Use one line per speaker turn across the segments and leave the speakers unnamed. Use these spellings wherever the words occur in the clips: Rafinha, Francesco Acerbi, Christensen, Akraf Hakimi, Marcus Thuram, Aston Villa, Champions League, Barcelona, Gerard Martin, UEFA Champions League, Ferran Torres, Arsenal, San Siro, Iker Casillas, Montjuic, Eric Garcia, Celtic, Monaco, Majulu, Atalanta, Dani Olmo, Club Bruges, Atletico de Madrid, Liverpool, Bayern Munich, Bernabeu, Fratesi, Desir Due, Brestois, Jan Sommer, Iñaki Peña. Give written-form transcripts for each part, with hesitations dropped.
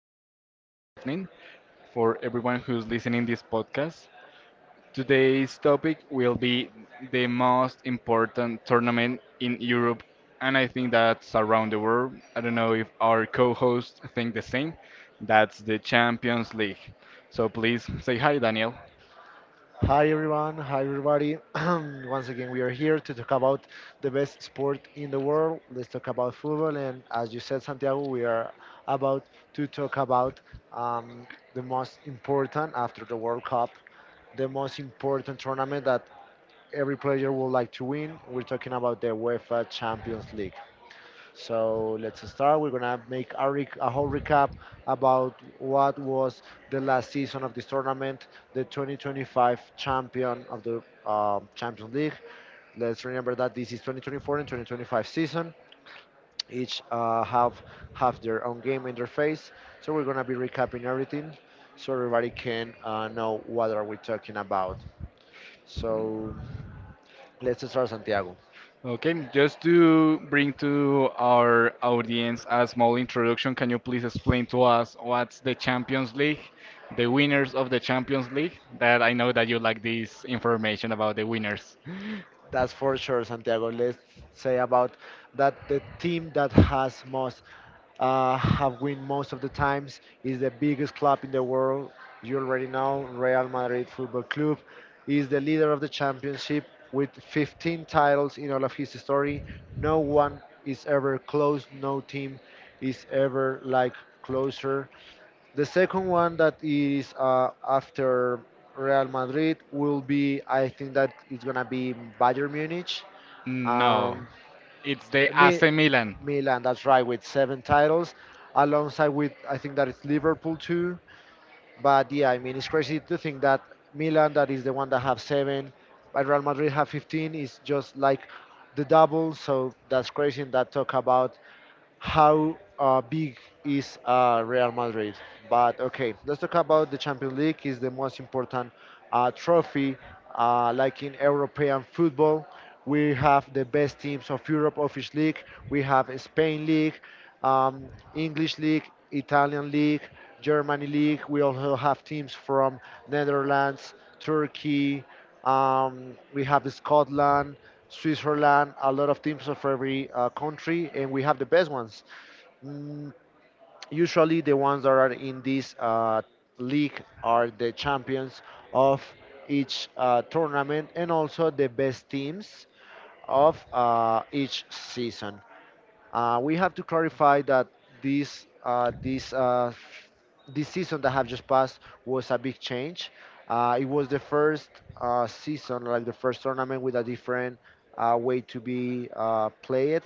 afternoon, good evening for everyone who's listening this podcast. Today's topic will be the most important tournament in Europe, and I think that's around the world. I don't know if our co-hosts think the same. That's the Champions League. So please say hi, Daniel.
Hi everyone, hi everybody. Once again, we are here to talk about the best sport in the world. Let's talk about football, and as you said, Santiago, we are about to talk about um, the most important after the World Cup, the most important tournament that every player would like to win. We're talking about the UEFA Champions League. So let's start. We're gonna make a whole recap about what was the last season of this tournament, the 2025 champion of the Champions League. Let's remember that this is 2024 and 2025 season. Each have their own game in their face. So we're gonna be recapping everything, so everybody can know what are we talking about. So let's start, Santiago.
Okay, just to bring to our audience a small introduction, can you please explain to us what's the Champions League, the winners of the Champions League? That I know that you like this information about the winners.
That's for sure, Santiago. Let's say about that the team that has most have win most of the times is the biggest club in the world. You already know Real Madrid Football Club is the leader of the championship with 15 titles in all of his history. No one is ever close. No team is ever like closer. The second one that is after Real Madrid will be, I think that it's gonna be Bayern Munich.
No,
Um,
it's the
Mi-
AC Milan.
Milan, that's right, with 7 titles, alongside with I think that it's Liverpool too. But yeah, I mean it's crazy to think that Milan, that is the one that have 7, but Real Madrid have 15, is just like the double. So that's crazy. And that talk about how big is Real Madrid. But okay, let's talk about the Champions League. Is the most important trophy, like in European football. We have the best teams of Europe of each league. We have a Spain league, English league, Italian league, Germany league. We also have teams from Netherlands, Turkey. We have Scotland. Switzerland, a lot of teams of every country, and we have the best ones. Mm, usually, the ones that are in this league are the champions of each tournament and also the best teams of each season. We have to clarify that this uh, this uh, this season that have just passed was a big change. It was the first season, like the first tournament, with a different way to be played.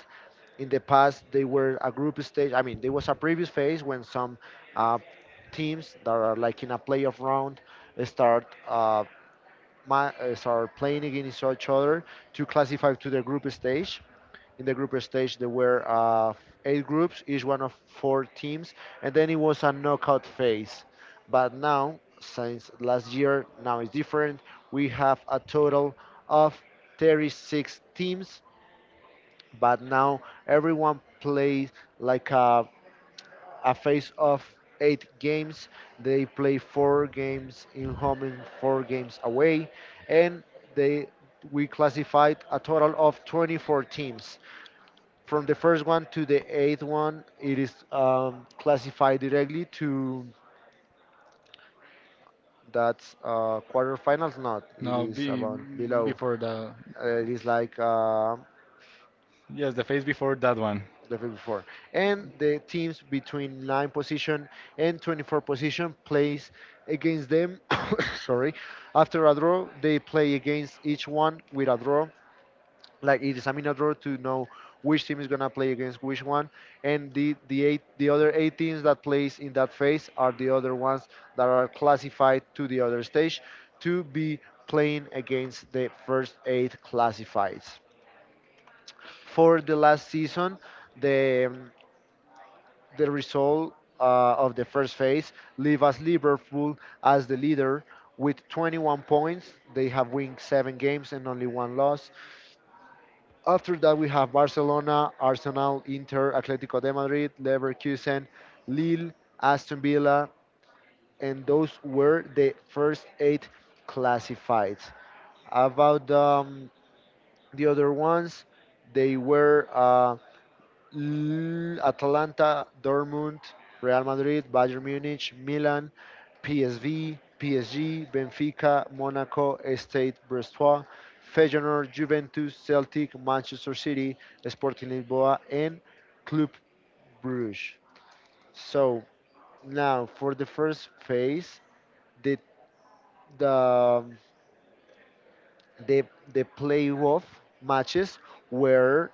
In the past, they were a group stage. I mean, there was a previous phase when some uh, teams that are like in a playoff round uh, start. Uh, start playing against each other to classify to the group stage. In the group stage, there were 8 groups, each one of 4 teams, and then it was a knockout phase. But now, since last year, now it's different. We have a total of 36 teams, but now everyone plays like a phase of 8 games. They play 4 games in home and 4 games away, and they we classified a total of 24 teams. From the first one to the 8th one, it is classified directly to that's quarterfinals. Not it
No,
is
be,
about below.
before the
It is like
Yes, the phase before that one.
level before. And the teams between 9 position and 24 position plays against them. Sorry. After a draw, they play against each one with a draw, like it is a mini draw to know which team is gonna play against which one. And the eight the other 8 teams that plays in that phase are the other ones that are classified to the other stage to be playing against the first 8 classifieds. For the last season, the um, the result of the first phase leave us Liverpool as the leader with 21 points. They have won 7 games and only one loss. After that, we have Barcelona, Arsenal, Inter, Atletico de Madrid, Leverkusen, Lille, Aston Villa, and those were the first 8 classified. About the other ones, they were Atalanta, Dortmund, Real Madrid, Bayern Munich, Milan, PSV, PSG, Benfica, Monaco, Estate, Brestois, Feyenoord, Juventus, Celtic, Manchester City, Sporting Lisboa, and Club Bruges. So now for the first phase, the the um, the playoff matches were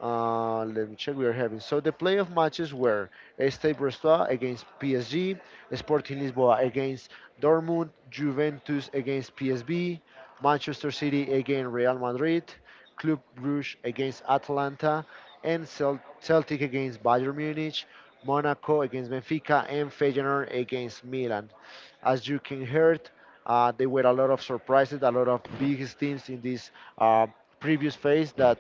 Let me check. We are having so the playoff matches were Stade Brestois against PSG, Sporting Lisboa against Dortmund, Juventus against PSV, Manchester City against Real Madrid, Club Brugge against Atalanta, and Celtic against Bayern Munich, Monaco against Benfica, and Feyenoord against Milan. As you can hear, there were a lot of surprises, a lot of big teams in this uh, previous phase that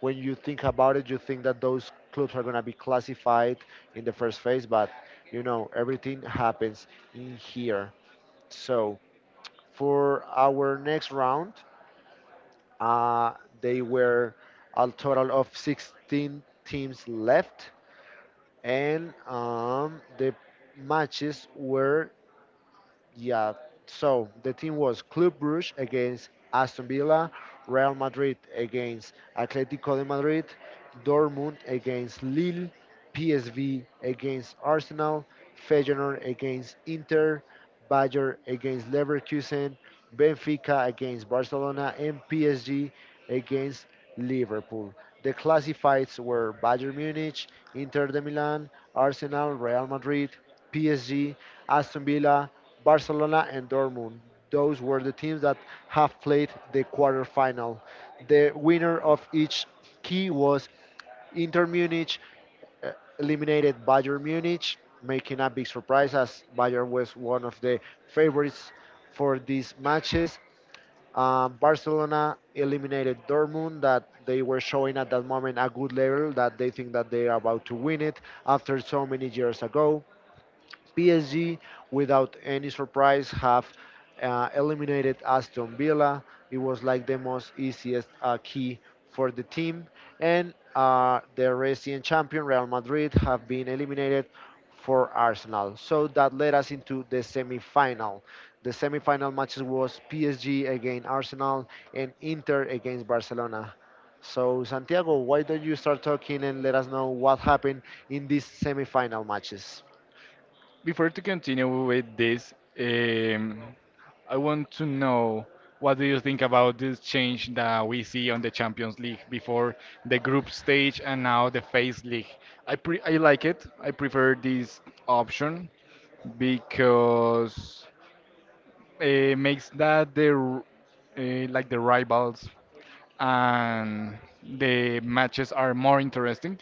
when you think about it, you think that those clubs are going to be classified in the first phase, but you know, everything happens in here. So for our next round, uh, they were a total of 16 teams left, and the matches were, yeah. So the team was Club Brugge against Aston Villa, Real Madrid against Atletico de Madrid, Dortmund against Lille, PSV against Arsenal, Feyenoord against Inter, Bayer against Leverkusen, Benfica against Barcelona, and PSG against Liverpool. The classifieds were Bayern Munich, Inter de Milan, Arsenal, Real Madrid, PSG, Aston Villa, Barcelona, and Dortmund. Those were the teams that have played the quarterfinal. The winner of each key was Inter Munich uh, eliminated Bayern Munich, making a big surprise as Bayern was one of the favorites for these matches. Barcelona eliminated Dortmund, that they were showing at that moment a good level, that they think that they are about to win it after so many years ago. PSG, without any surprise, have eliminated Aston Villa. It was like the most easiest key for the team. And the recent champion, Real Madrid, have been eliminated for Arsenal. So that led us into the semi-final. The semi-final matches was PSG against Arsenal and Inter against Barcelona. So Santiago, why don't you start talking and let us know what happened in these semi-final matches?
Before to continue with this, I want to know what do you think about this change that we see on the Champions League before the group stage and now the phase league? I like it. I prefer this option because makes that like the rivals and the matches are more interesting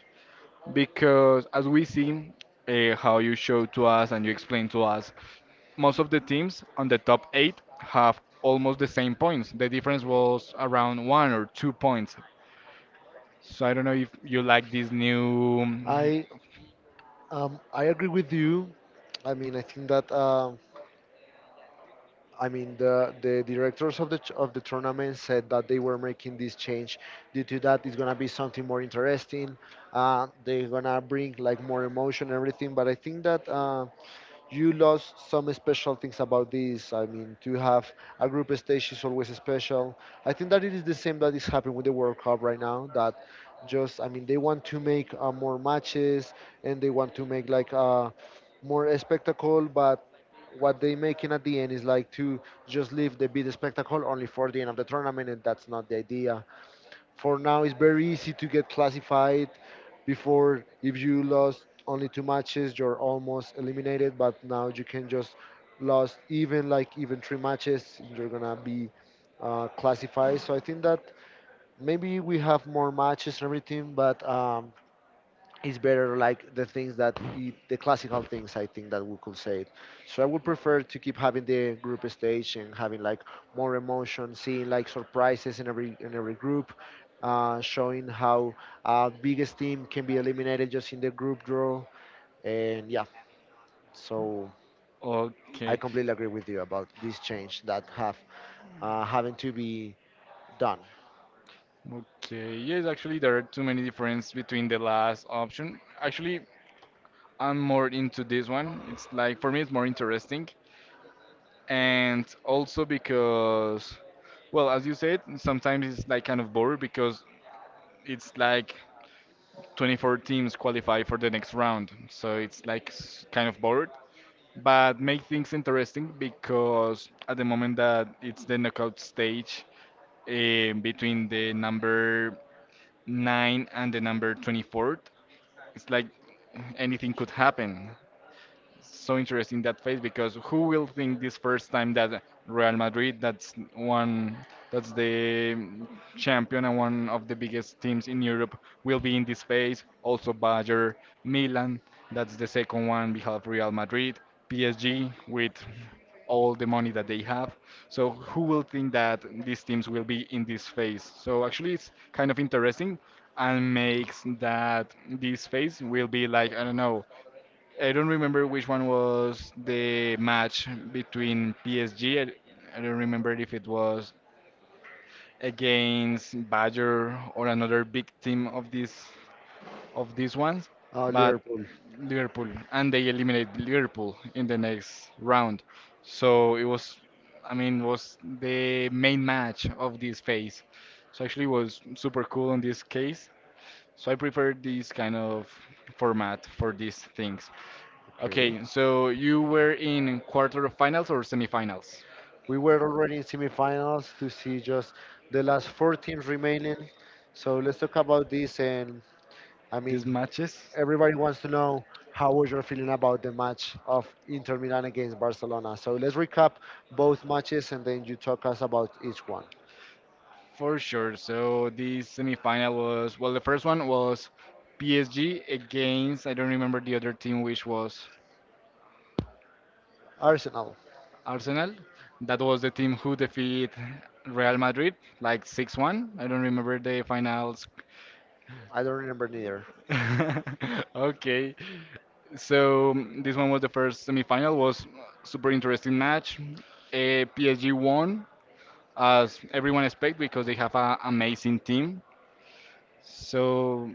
because as we see how you showed to us and you explained to us most of the teams on the top eight have almost the same points, the difference was around 1 or 2 points. So I don't know if you like this new.
I I agree with you. I mean, I think that I mean the directors of of the tournament said that they were making this change due to that it's gonna be something more interesting. They're gonna bring like more emotion and everything. But I think that. You lost some special things about this. I mean, to have a group stage is always special. I think that it is the same that is happening with the World Cup right now. That just, I mean, they want to make more matches and they want to make like more a spectacle, but what they making at the end is like to just leave the big spectacle only for the end of the tournament, and that's not the idea. For now, it's very easy to get classified. Before, if you lost only 2 matches, you're almost eliminated. But now you can just lost even like even 3 matches, you're gonna be classified. So I think that maybe we have more matches and everything, but it's better like the things the classical things I think that we could say. So I would prefer to keep having the group stage and having like more emotion, seeing like surprises in every group, showing how biggest team can be eliminated just in the group draw. And yeah, so I
Okay.
completely agree with you about this change that have having to be done.
Okay, yes, actually, there are too many differences between the last option. Actually, I'm more into this one. It's like for me, it's more interesting, and also because, well, as you said, sometimes it's like kind of bored because it's like 24 teams qualify for the next round, so it's like kind of bored. But make things interesting because at the moment that it's the knockout stage, between the number 9 and the number 24th. It's like anything could happen. So interesting that phase because who will think this first time that Real Madrid, that's one, that's the champion and one of the biggest teams in Europe, will be in this phase. Also Bayern, Milan, that's the second one. We have Real Madrid, PSG with all the money that they have. So who will think that these teams will be in this phase? So actually, it's kind of interesting and makes that this phase will be like I don't know. I don't remember which one was the match between PSG. I don't remember if it was against Bayer or another big team of this of these ones, but
Liverpool.
Liverpool, and they eliminate Liverpool in the next round. So it was, I mean, was the main match of this phase. So actually, it was super cool on this case. So I prefer this kind of format for these things.
Okay.
Okay, so you were in quarterfinals or semifinals?
We were already in semifinals to see just the last 4 teams remaining. So let's talk about this. And I
These
mean,
matches?
everybody wants to know how was your feeling about the match of Inter Milan against Barcelona. So let's recap both matches and then you talk us about each one.
For sure. So the semifinal was, well, the first one was PSG against, I don't remember the other team, which was
Arsenal,
Arsenal. That was the team who defeat Real Madrid, like 6-1. I don't remember the finals.
I don't remember neither.
Okay. So this one was the first semifinal, was super interesting match. PSG won, as everyone expect, because they have an amazing team. So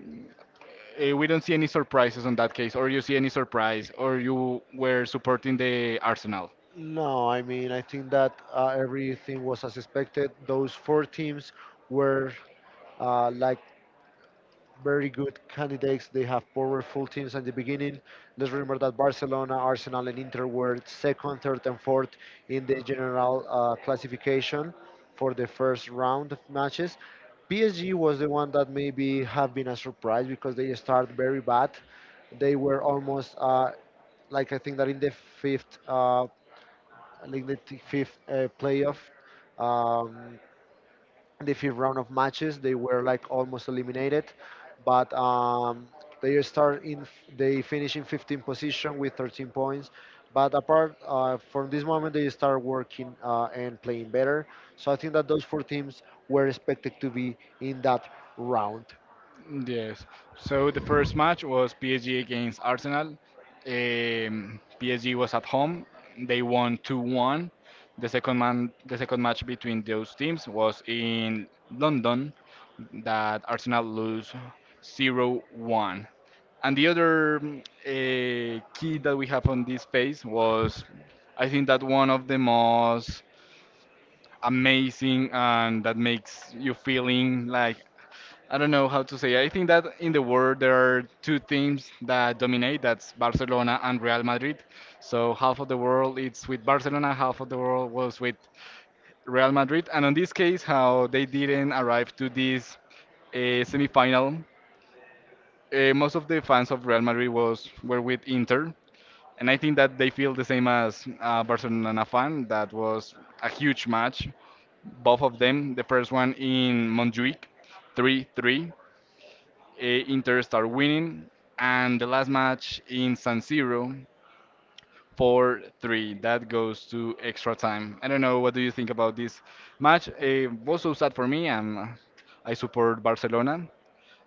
we don't see any surprises on that case, or you see any surprise, or you were supporting the Arsenal.
No, I mean, I think that everything was as expected. Those four teams were like very good candidates. They have powerful teams at the beginning. Let's remember that Barcelona, Arsenal, and Inter were second, third, and fourth in the general classification for the first round of matches. PSG was the one that maybe have been a surprise because they start very bad. They were almost like I think that in the fifth, uh, fifth playoff. Um, in the fifth round of matches. They were like almost eliminated, but they they finish in 15th position with 13 points. But apart from this moment, they start working and playing better. So I think that those 4 teams were expected to be in that round.
Yes. So the first match was PSG against Arsenal. PSG was at home. They won 2-1. The second man, the second match between those teams was in London, that Arsenal lose 0-1. And the other key that we have on this phase was, I think that one of the most amazing and that makes you feeling like I don't know how to say. I think that in the world there are two teams that dominate. That's Barcelona and Real Madrid. So half of the world it's with Barcelona, half of the world was with Real Madrid. And on this case, how they didn't arrive to this semi-final, most of the fans of Real Madrid was were with Inter, and I think that they feel the same as a Barcelona fan. That was a huge match both of them. The first one in Montjuic, 3-3. Inter start winning. And the last match in San Siro, 4-3. That goes to extra time. I don't know. What do you think about this match? It was so sad for me. I support Barcelona.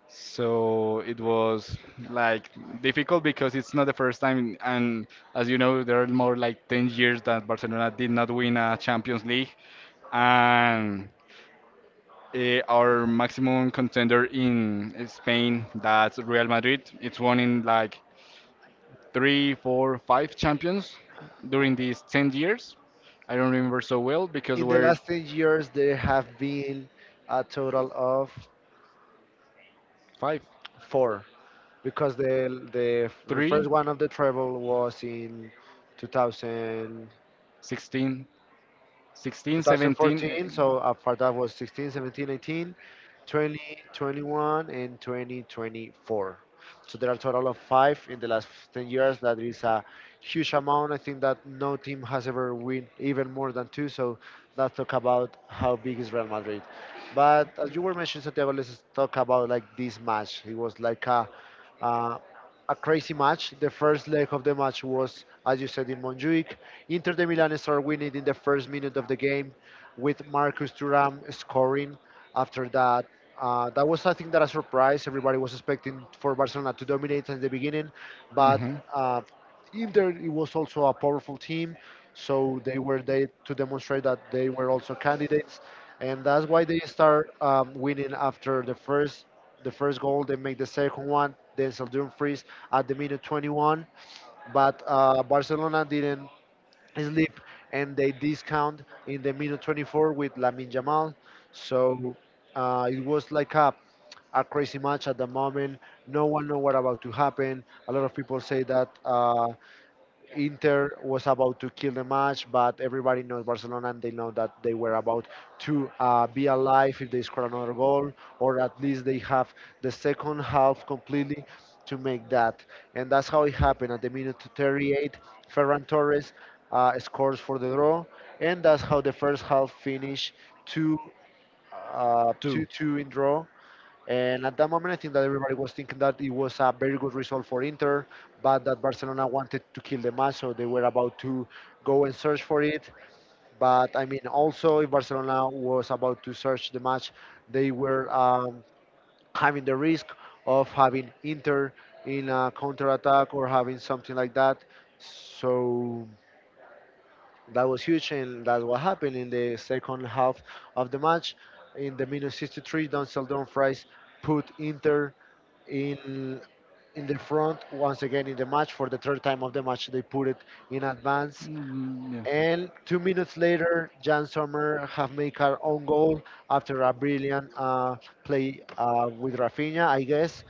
So it was like difficult because it's not the first time, and as you know, there are more like 10 years that Barcelona did not win a Champions League, and our maximum contender in Spain, that's Real Madrid. It's won in like three, four, five champions during these 10 years. I don't remember so well because
In the
we're
last 10 years, there have been a total of
5,
four because
3,
first one of the treble was in 2000.
16, 16,
2014.
17,
So after that was 16, 17, 18, 20, 21, and 2024. So there are a total of five in the last 10 years. That is a huge amount. I think that no team has ever win even more than two. So let's talk about how big is Real Madrid. But as you were mentioning, Santiago, let's talk about like this match. It was like uh, a crazy match. The first leg of the match was, as you said, in Montjuic. Inter de Milan started winning in the first minute of the game with Marcus Thuram scoring. After that, that was I think that a surprise. Everybody was expecting for Barcelona to dominate at the beginning, but
mhm,
uh, Inter it was also a powerful team, so they were there to demonstrate that they were also candidates, and that's why they start winning after the first goal. They make the second one. Denzel Dumfries at the minute 21, but Barcelona didn't sleep and they discount in the minute 24 with Lamin Jamal. So it was like a crazy match at the moment. No one know what about to happen. A lot of people say that. Inter was about to kill the match, but everybody knows Barcelona and they know that they were about to be alive if they score another goal, or at least they have the second half completely to make that. And that's how it happened. At the minute 38, Ferran Torres scores for the draw, and that's how the first half finished 2 uh,
2.
2 2 in draw. And at that moment, I think that everybody was thinking that it was a very good result for Inter, but that Barcelona wanted to kill the match, so they were about to go and search for it. But I mean, also, if Barcelona was about to search the match, they were having the risk of having Inter in a counter attack or having something like that. So that was huge, and that's what happened in the second half of the match. In the minus 63, Don Seldon Fries put Inter in in the front once again in the match. For the third time of the match, they put it in advance,
Mm, yeah.
and 2 minutes later Jan Sommer have made her own goal after a brilliant play with Rafinha I guess.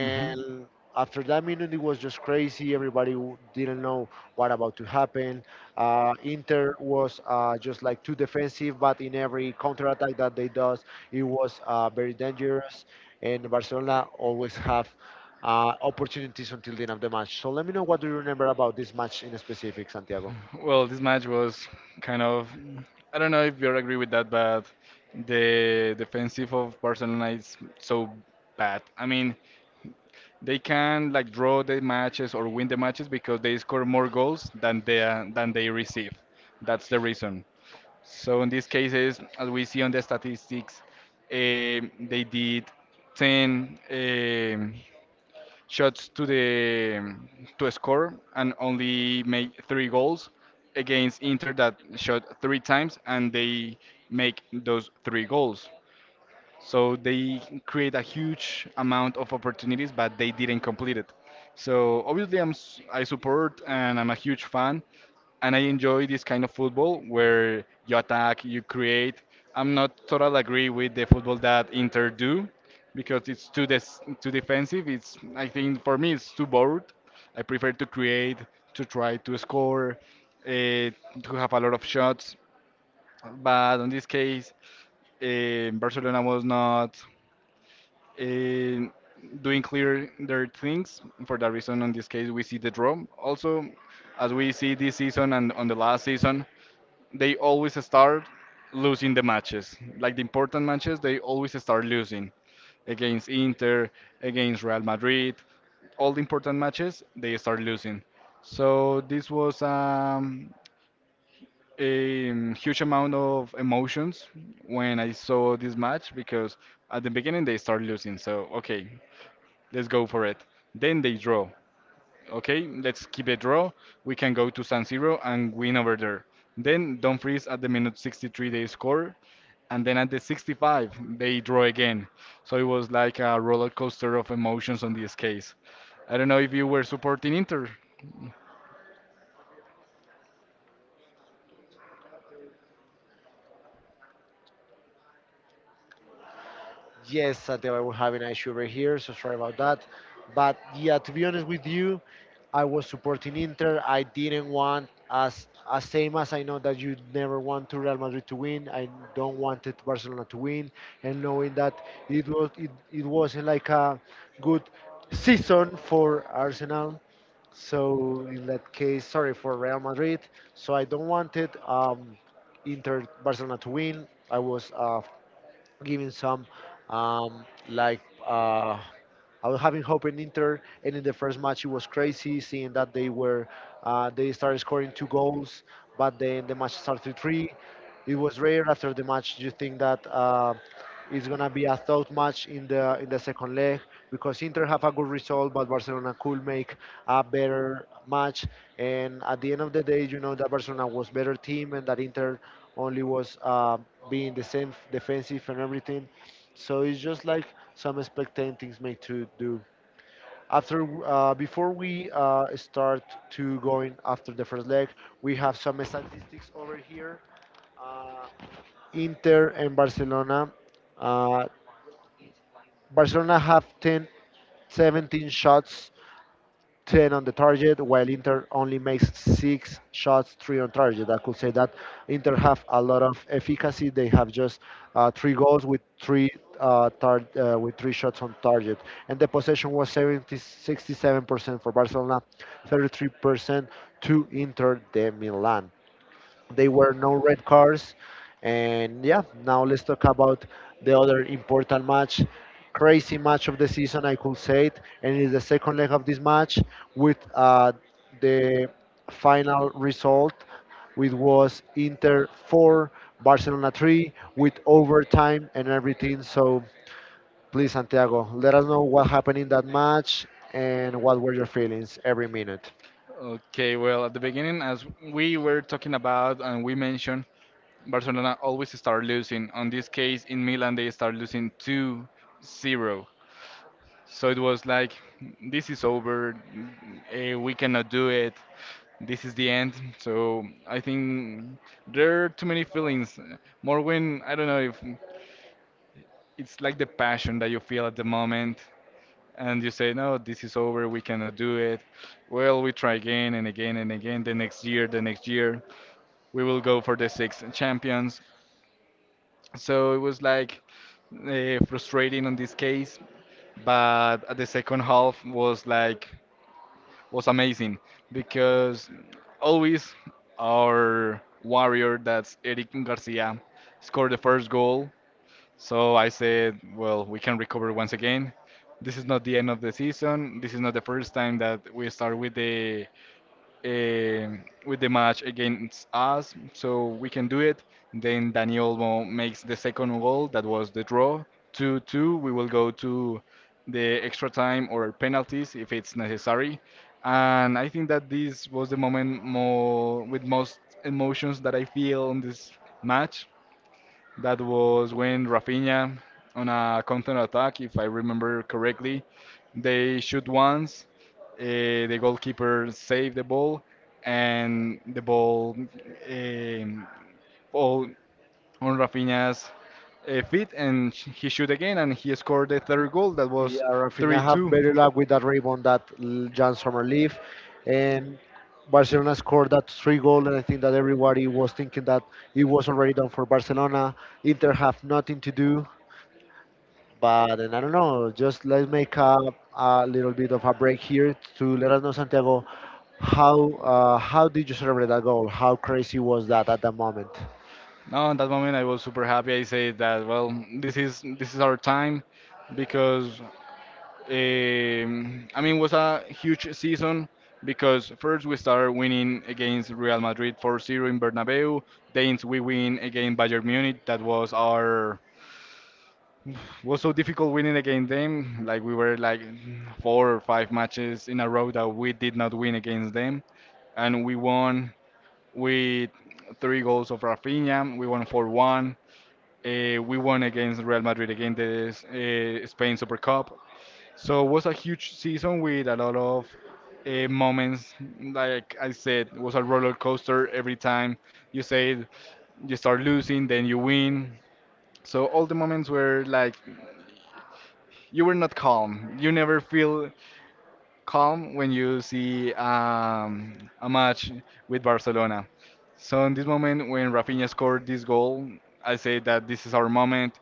Mhm.
after that minute it was just crazy. Everybody didn't know what about to happen. Inter was just like too defensive, but in every counter attack that they does it was very dangerous, and Barcelona always have opportunities until the end of the match. So let me know what do you remember about this match in specific, Santiago.
Well, this match was kind of I don't know if you agree with that, but the defensive of Barcelona is so bad. I mean, they can like draw the matches or win the matches because they score more goals than they receive. That's the reason. So in these cases, as we see on the statistics, they did 10. Um, shots to score and only made three goals against Inter that shot three times and they make those three goals. So they create a huge amount of opportunities, but they didn't complete it. So obviously, I support and I'm a huge fan, and I enjoy this kind of football where you attack, you create. I'm not totally agree with the football that Inter do because it's too too defensive. It's I think for me it's too bored. I prefer to create, to try to score, uh, to have a lot of shots. But in this case, Barcelona was not eh, doing clear their things. For that reason, in this case, we see the draw. Also, as we see this season and on the last season, they always start losing the matches. Like the important matches, they always start losing against Inter, against Real Madrid. All the important matches, they start losing. So this was a huge amount of emotions when I saw this match because at the beginning they start losing. So, okay, let's go for it. Then they draw. Okay, let's keep a draw. We can go to San Siro and win over there. Then Don't Freeze at the minute 63 they score. And then at the 65 they draw again. So it was like a roller coaster of emotions on this case. I don't know if you were supporting Inter.
Yes, Santiago, we're having an issue over here, so sorry about that. But yeah, to be honest with you, I was supporting Inter. I didn't want, as same as I know that you never want to Real Madrid to win. I don't wanted Barcelona to win, and knowing that it wasn't like a good season for Arsenal. So in that case, sorry for Real Madrid. So I don't wanted Inter Barcelona to win. I was giving some um, like uh, I was having hope in Inter, and in the first match it was crazy seeing that they were they started scoring two goals, but then the match started three. Three. It was rare after the match. Do you think that it's gonna be a thought match in the second leg because Inter have a good result, but Barcelona could make a better match. And at the end of the day, you know that Barcelona was better team and that Inter only was being the same defensive and everything. So it's just like some expectant things made to do. Before we start to going after the first leg, we have some statistics over here. Uh, Inter and Barcelona. Uh, Barcelona have 10, 17 shots, 10 on the target, while Inter only makes six shots, three on target. I could say that Inter have a lot of efficacy. They have just three goals with three with three shots on target, and the possession was 70, 67% for Barcelona, 33% to Inter de Milan. They were no red cards. And yeah, now let's talk about the other important match, crazy match of the season, I could say it. And it is the second leg of this match with the final result, which was Inter 4, Barcelona 3, with overtime and everything. So please, Santiago, let us know what happened in that match and what were your feelings every minute.
Okay, well, at the beginning, as we were talking about and we mentioned, Barcelona always start losing. On this case, in Milan, they start losing 2-0. So it was like, this is over. We cannot do it. This is the end. So I think there are too many feelings. More when, I don't know if it's like the passion that you feel at the moment. And you say, no, this is over. We cannot do it. Well, we try again and again and again. The next year, we will go for the six champions. So it was like frustrating on this case, but the second half was like was amazing because always our warrior that's Eric Garcia scored the first goal. So I said, well, we can recover once again. This is not the end of the season. This is not the first time that we start with the uh, match against us, so we can do it. Then Dani Olmo makes the second goal, that was the draw, 2-2. We will go to the extra time or penalties if it's necessary. And I think that this was the moment more with most emotions that I feel on this match that was when Rafinha on a counter attack, if I remember correctly, they shoot once, uh, the goalkeeper saved the ball, and the ball um, fall on Rafinha's feet, and he shoot again, and he scored the third goal. That was
Yeah, Rafinha have
3-2.
better luck with that rebound that Jan Sommer leave, and Barcelona scored that three goal and I think that everybody was thinking that it was already done for Barcelona. Inter have nothing to do, but and I don't know, just let's make a little bit of a break here to let us know Santiago how did you celebrate that goal? How crazy was that at that moment?
Now, at that moment, I was super happy. I said that, well, this is our time because I mean, it was a huge season because first we started winning against Real Madrid 4-0 in Bernabeu. Then we win against Bayern Munich. That was so difficult winning against them. Like we were like four or five matches in a row that we did not win against them, and we won with three goals of Rafinha. We won 4-1. We won against Real Madrid again the Spain Super Cup. So it was a huge season with a lot of moments. Like I said, it was a roller coaster every time you say you start losing, then you win. So all the moments were like you were not calm. You never feel calm when you see a match with Barcelona. So in this moment, when Rafinha scored this goal, I say that this is our moment.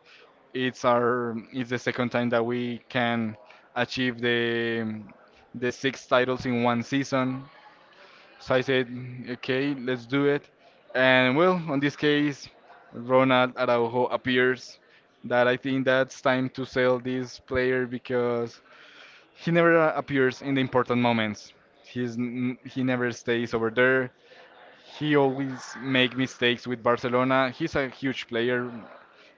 It's our, it's the second time that we can achieve the six titles in one season. So I said, okay, let's do it. And well, on this case, Ronald Araujo appears. That I think that's time to sell this player because he never appears in the important moments. He never stays over there. He always make mistakes with Barcelona. He's a huge player,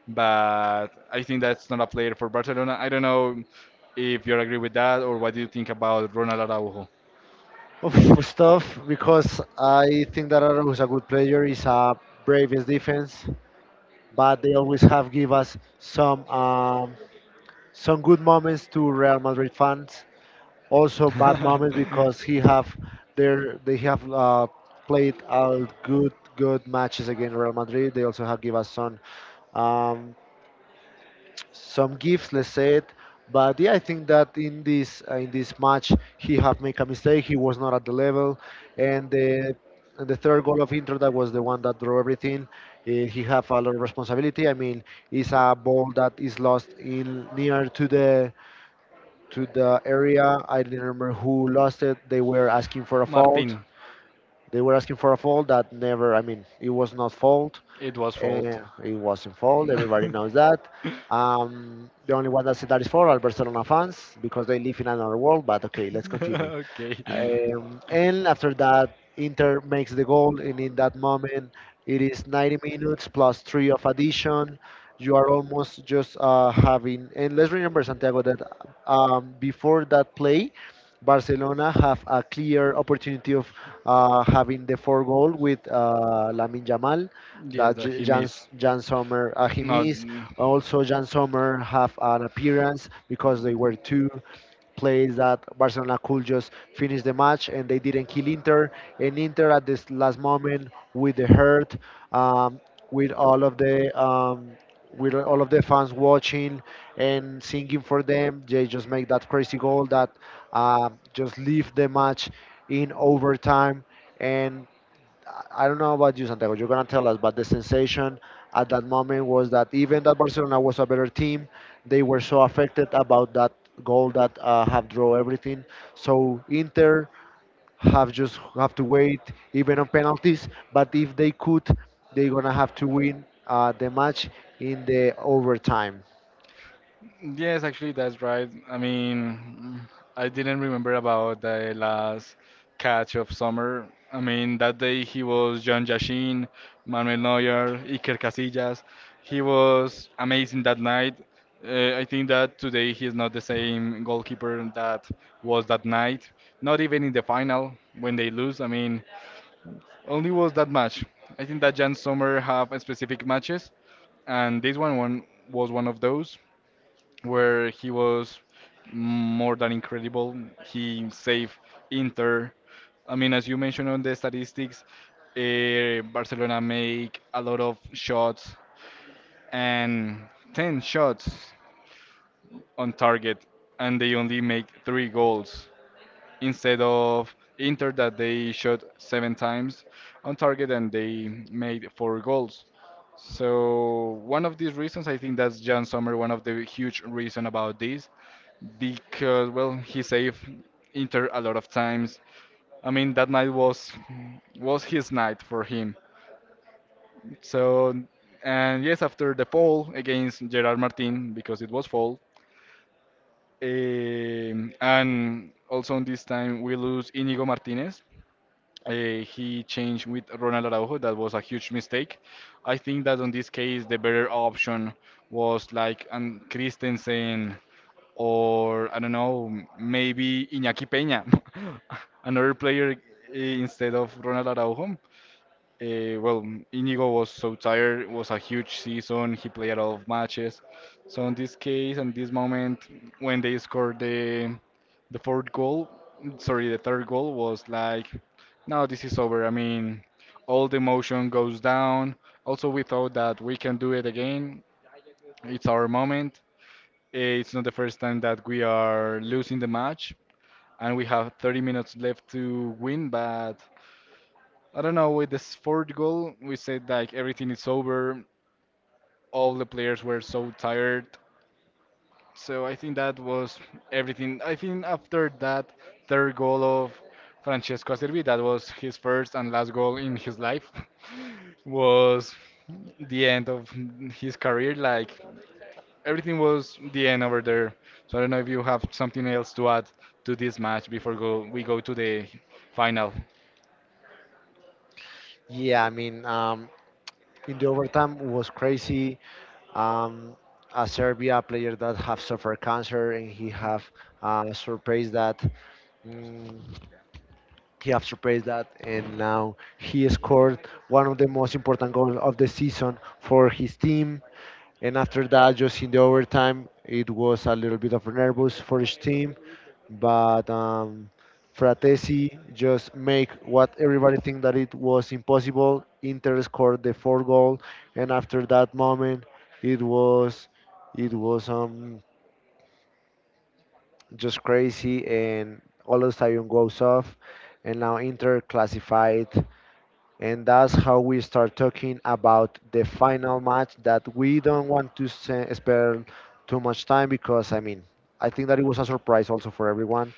but I think that's not a player for Barcelona. I don't know if you agree with that or what do you think about Ronald Araujo?
Oof, it tough because I think that Araujo is a good player. He's a bravest defense. But they always have give us some good moments to Real Madrid fans. Also bad moments because he have their they have played good matches against Real Madrid. They also have give us um, some gives, let's say it. But yeah, I think that in this match he have made a mistake. He was not at the level, and the third goal of Inter, that was the one that drew everything. He have a lot of responsibility. I mean, it's a ball that is lost in near to the area. I didn't remember who lost it. They were asking for a fault.
Martin,
They were asking for a fault that never. I mean, it was not fault.
it was fault.
It wasn't fouled. Everybody knows that. The only one that said that is for are Barcelona fans because they live in another world. But okay, let's continue.
Okay.
And after that, Inter makes the goal, and in that moment, it is 90 minutes plus three of addition. You are almost just having, and let's remember Santiago that before that play, Barcelona have a clear opportunity of having the four goal with Lamin Jamal
Yes,
that
that he missed.
Jan Sommer, he
No.
missed. Also, Jan Sommer have an appearance because they were two plays that Barcelona could just finish the match and they didn't kill Inter. And Inter at this last moment with the hurt, um, with all of the with all of the fans watching and singing for them, they just make that crazy goal that just leave the match in overtime. And I don't know about you, Santiago. You're gonna tell us, but the sensation at that moment was that even that Barcelona was a better team, they were so affected about that goal that have draw everything. So Inter have just have to wait even on penalties. But if they could, they're gonna have to win the match in the overtime.
Yes, actually, that's right. I mean, I didn't remember about the last catch of summer. I mean, that day he was John Yashin, Manuel Neuer, Iker Casillas. He was amazing that night. I think that today he is not the same goalkeeper that was that night. Not even in the final when they lose. I mean, only was that match. I think that Jan Sommer have specific matches, and this one, one was one of those where he was more than incredible. He saved Inter. I mean, as you mentioned on the statistics, Barcelona make a lot of shots, and 10 shots on target, and they only make three goals instead of Inter that they shot seven times on target and they made four goals. So one of these reasons, I think that's Jan Sommer, one of the huge reason about this, because well, he saved Inter a lot of times. I mean, that night was his night for him. So, and yes, after the fall against Gerard Martin, because it was fall, Eh, and also on this time we lose Inigo Martinez. He changed with Ronald Araujo. That was a huge mistake. I think that on this case the better option was like an Christensen, or I don't know, maybe Iñaki Peña, another player, instead of Ronald Araujo. Well, Íñigo was so tired. It was a huge season. He played a lot of matches. So in this case, in this moment, when they scored the fourth goal, sorry, the third goal was like, no, this is over. I mean, all the emotion goes down. Also, we thought that we can do it again. It's our moment. It's not the first time that we are losing the match, and we have 30 minutes left to win, but I don't know, with this fourth goal, we said like everything is over. All the players were so tired. So I think that was everything. I think after that third goal of Francesco Acerbi, that was his first and last goal in his life, was the end of his career. Like everything was the end over there. So I don't know if you have something else to add to this match before go we go to the final.
Yeah, I mean, in the overtime was crazy. Um, a Serbia player that have suffered cancer and he have surpassed that. Mm, he has surpassed that, and now he scored one of the most important goals of the season for his team. And after that, just in the overtime, it was a little bit of nervous for his team, but Fratesi just make what everybody think that it was impossible. Inter scored the fourth goal, and after that moment, it was it was just crazy and all of a sudden goes off and now Inter classified, and that's how we start talking about the final match that we don't want to spend too much time because I mean I think that it was a surprise also for everyone.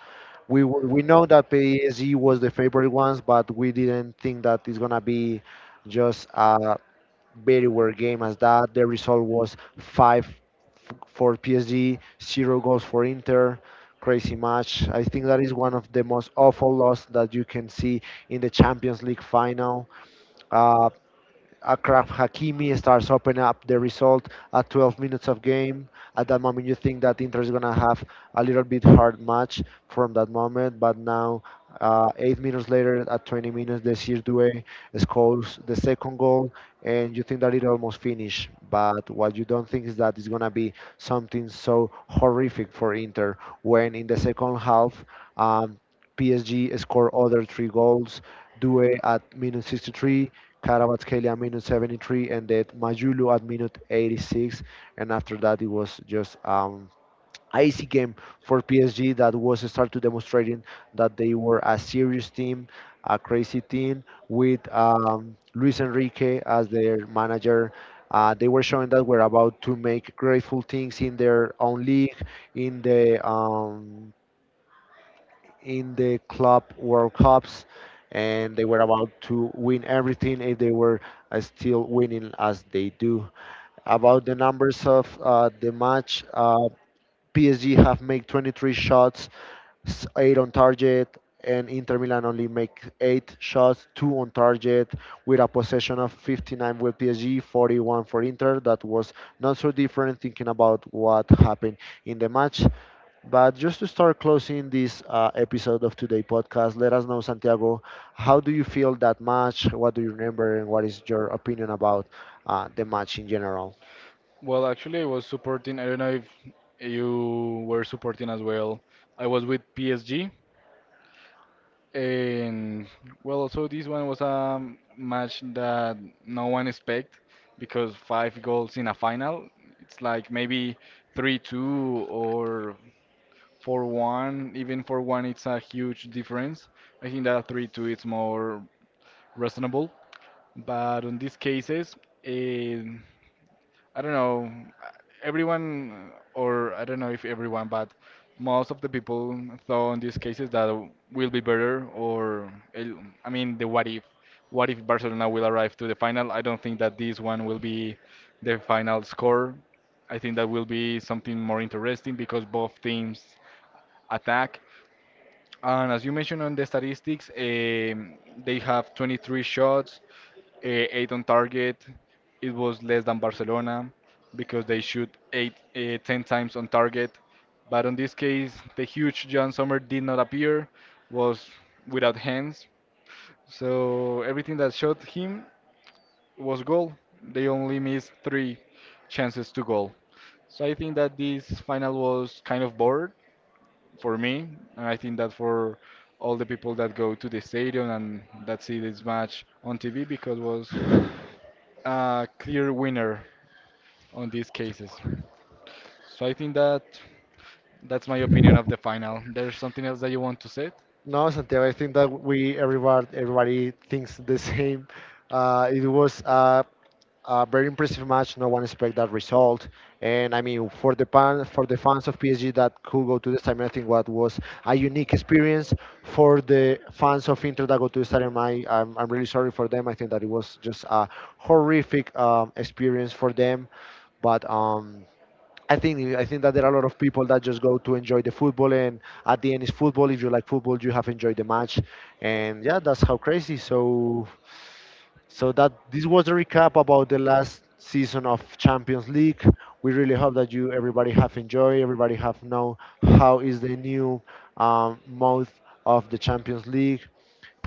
We know that PSG was the favorite ones, but we didn't think that it's gonna be just a very weird game as that. The result was for PSG, zero goals for Inter. Crazy match. I think that is one of the most awful losses that you can see in the Champions League final. uh, Akraf Hakimi starts opening up the result at 12 minutes of game. At that moment, you think that Inter is gonna have a little bit hard match from that moment, but now, 8 minutes later, at 20 minutes, Desir Due scores the second goal, and you think that it almost finished. But what you don't think is that it's gonna be something so horrific for Inter when in the second half, um, PSG score other three goals. Due at minute 63, Karabatskhelia at minute 73, and then Majulu at minute 86. And after that, it was just icy game for PSG that was started demonstrating that they were a serious team, a crazy team with Luis Enrique as their manager. They were showing that we're about to make grateful things in their own league, in the in the club World Cups, and they were about to win everything if they were still winning as they do. About the numbers of the match, PSG have made 23 shots, eight on target, and Inter Milan only make eight shots, two on target, with a possession of 59 with PSG, 41 for Inter. That was not so different thinking about what happened in the match. But just to start closing this episode of today podcast, let us know, Santiago, how do you feel that match? What do you remember, and what is your opinion about the match in general?
Well, actually, I was supporting. I don't know if you were supporting as well. I was with PSG, and well, also this one was a match that no one expect because five goals in a final. It's like maybe 3-2 or 4-1. Even 4-1, it's a huge difference. I think that 3-2 is more reasonable. But on these cases, eh, I don't know, everyone, or I don't know if everyone, but most of the people thought in these cases that will be better, or I mean, the what if Barcelona will arrive to the final? I don't think that this one will be the final score. I think that will be something more interesting because both teams attack. And as you mentioned on the statistics, they have 23 shots, 8 on target. It was less than Barcelona because they shoot 8, 10 times on target. But on this case, the huge John Sommer did not appear, was without hands. So everything that shot him was goal. They only missed three chances to goal. So I think that this final was kind of bored for me, and I think that for all the people that go to the stadium and that see this match on TV because was a clear winner on these cases. So I think that that's my opinion of the final. There's something else that you want to say?
No, Santiago, I think that we everybody thinks the same. It was a very impressive match. No one expected that result, and I mean for for the fans of PSG that could go to the stadium, I think what was a unique experience. For the fans of Inter that go to the stadium, I'm really sorry for them. I think that it was just a horrific experience for them, but. I think that there are a lot of people that just go to enjoy the football, and at the end is football. If you like football, you have enjoyed the match, and yeah, that's how crazy. So that this was a recap about the last season of Champions League. We really hope that you everybody have enjoyed, everybody have know how is the new mode of the Champions League,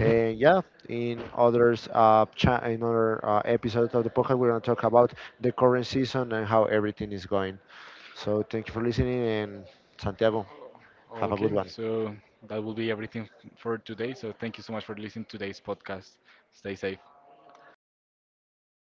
and yeah, in others, in other episodes of the podcast, we're going to talk about the current season and how everything is going. So thank you for listening, and Santiago, have a good
Okay,
one.
so that will be everything for today. So thank you so much for listening to today's podcast. Stay safe.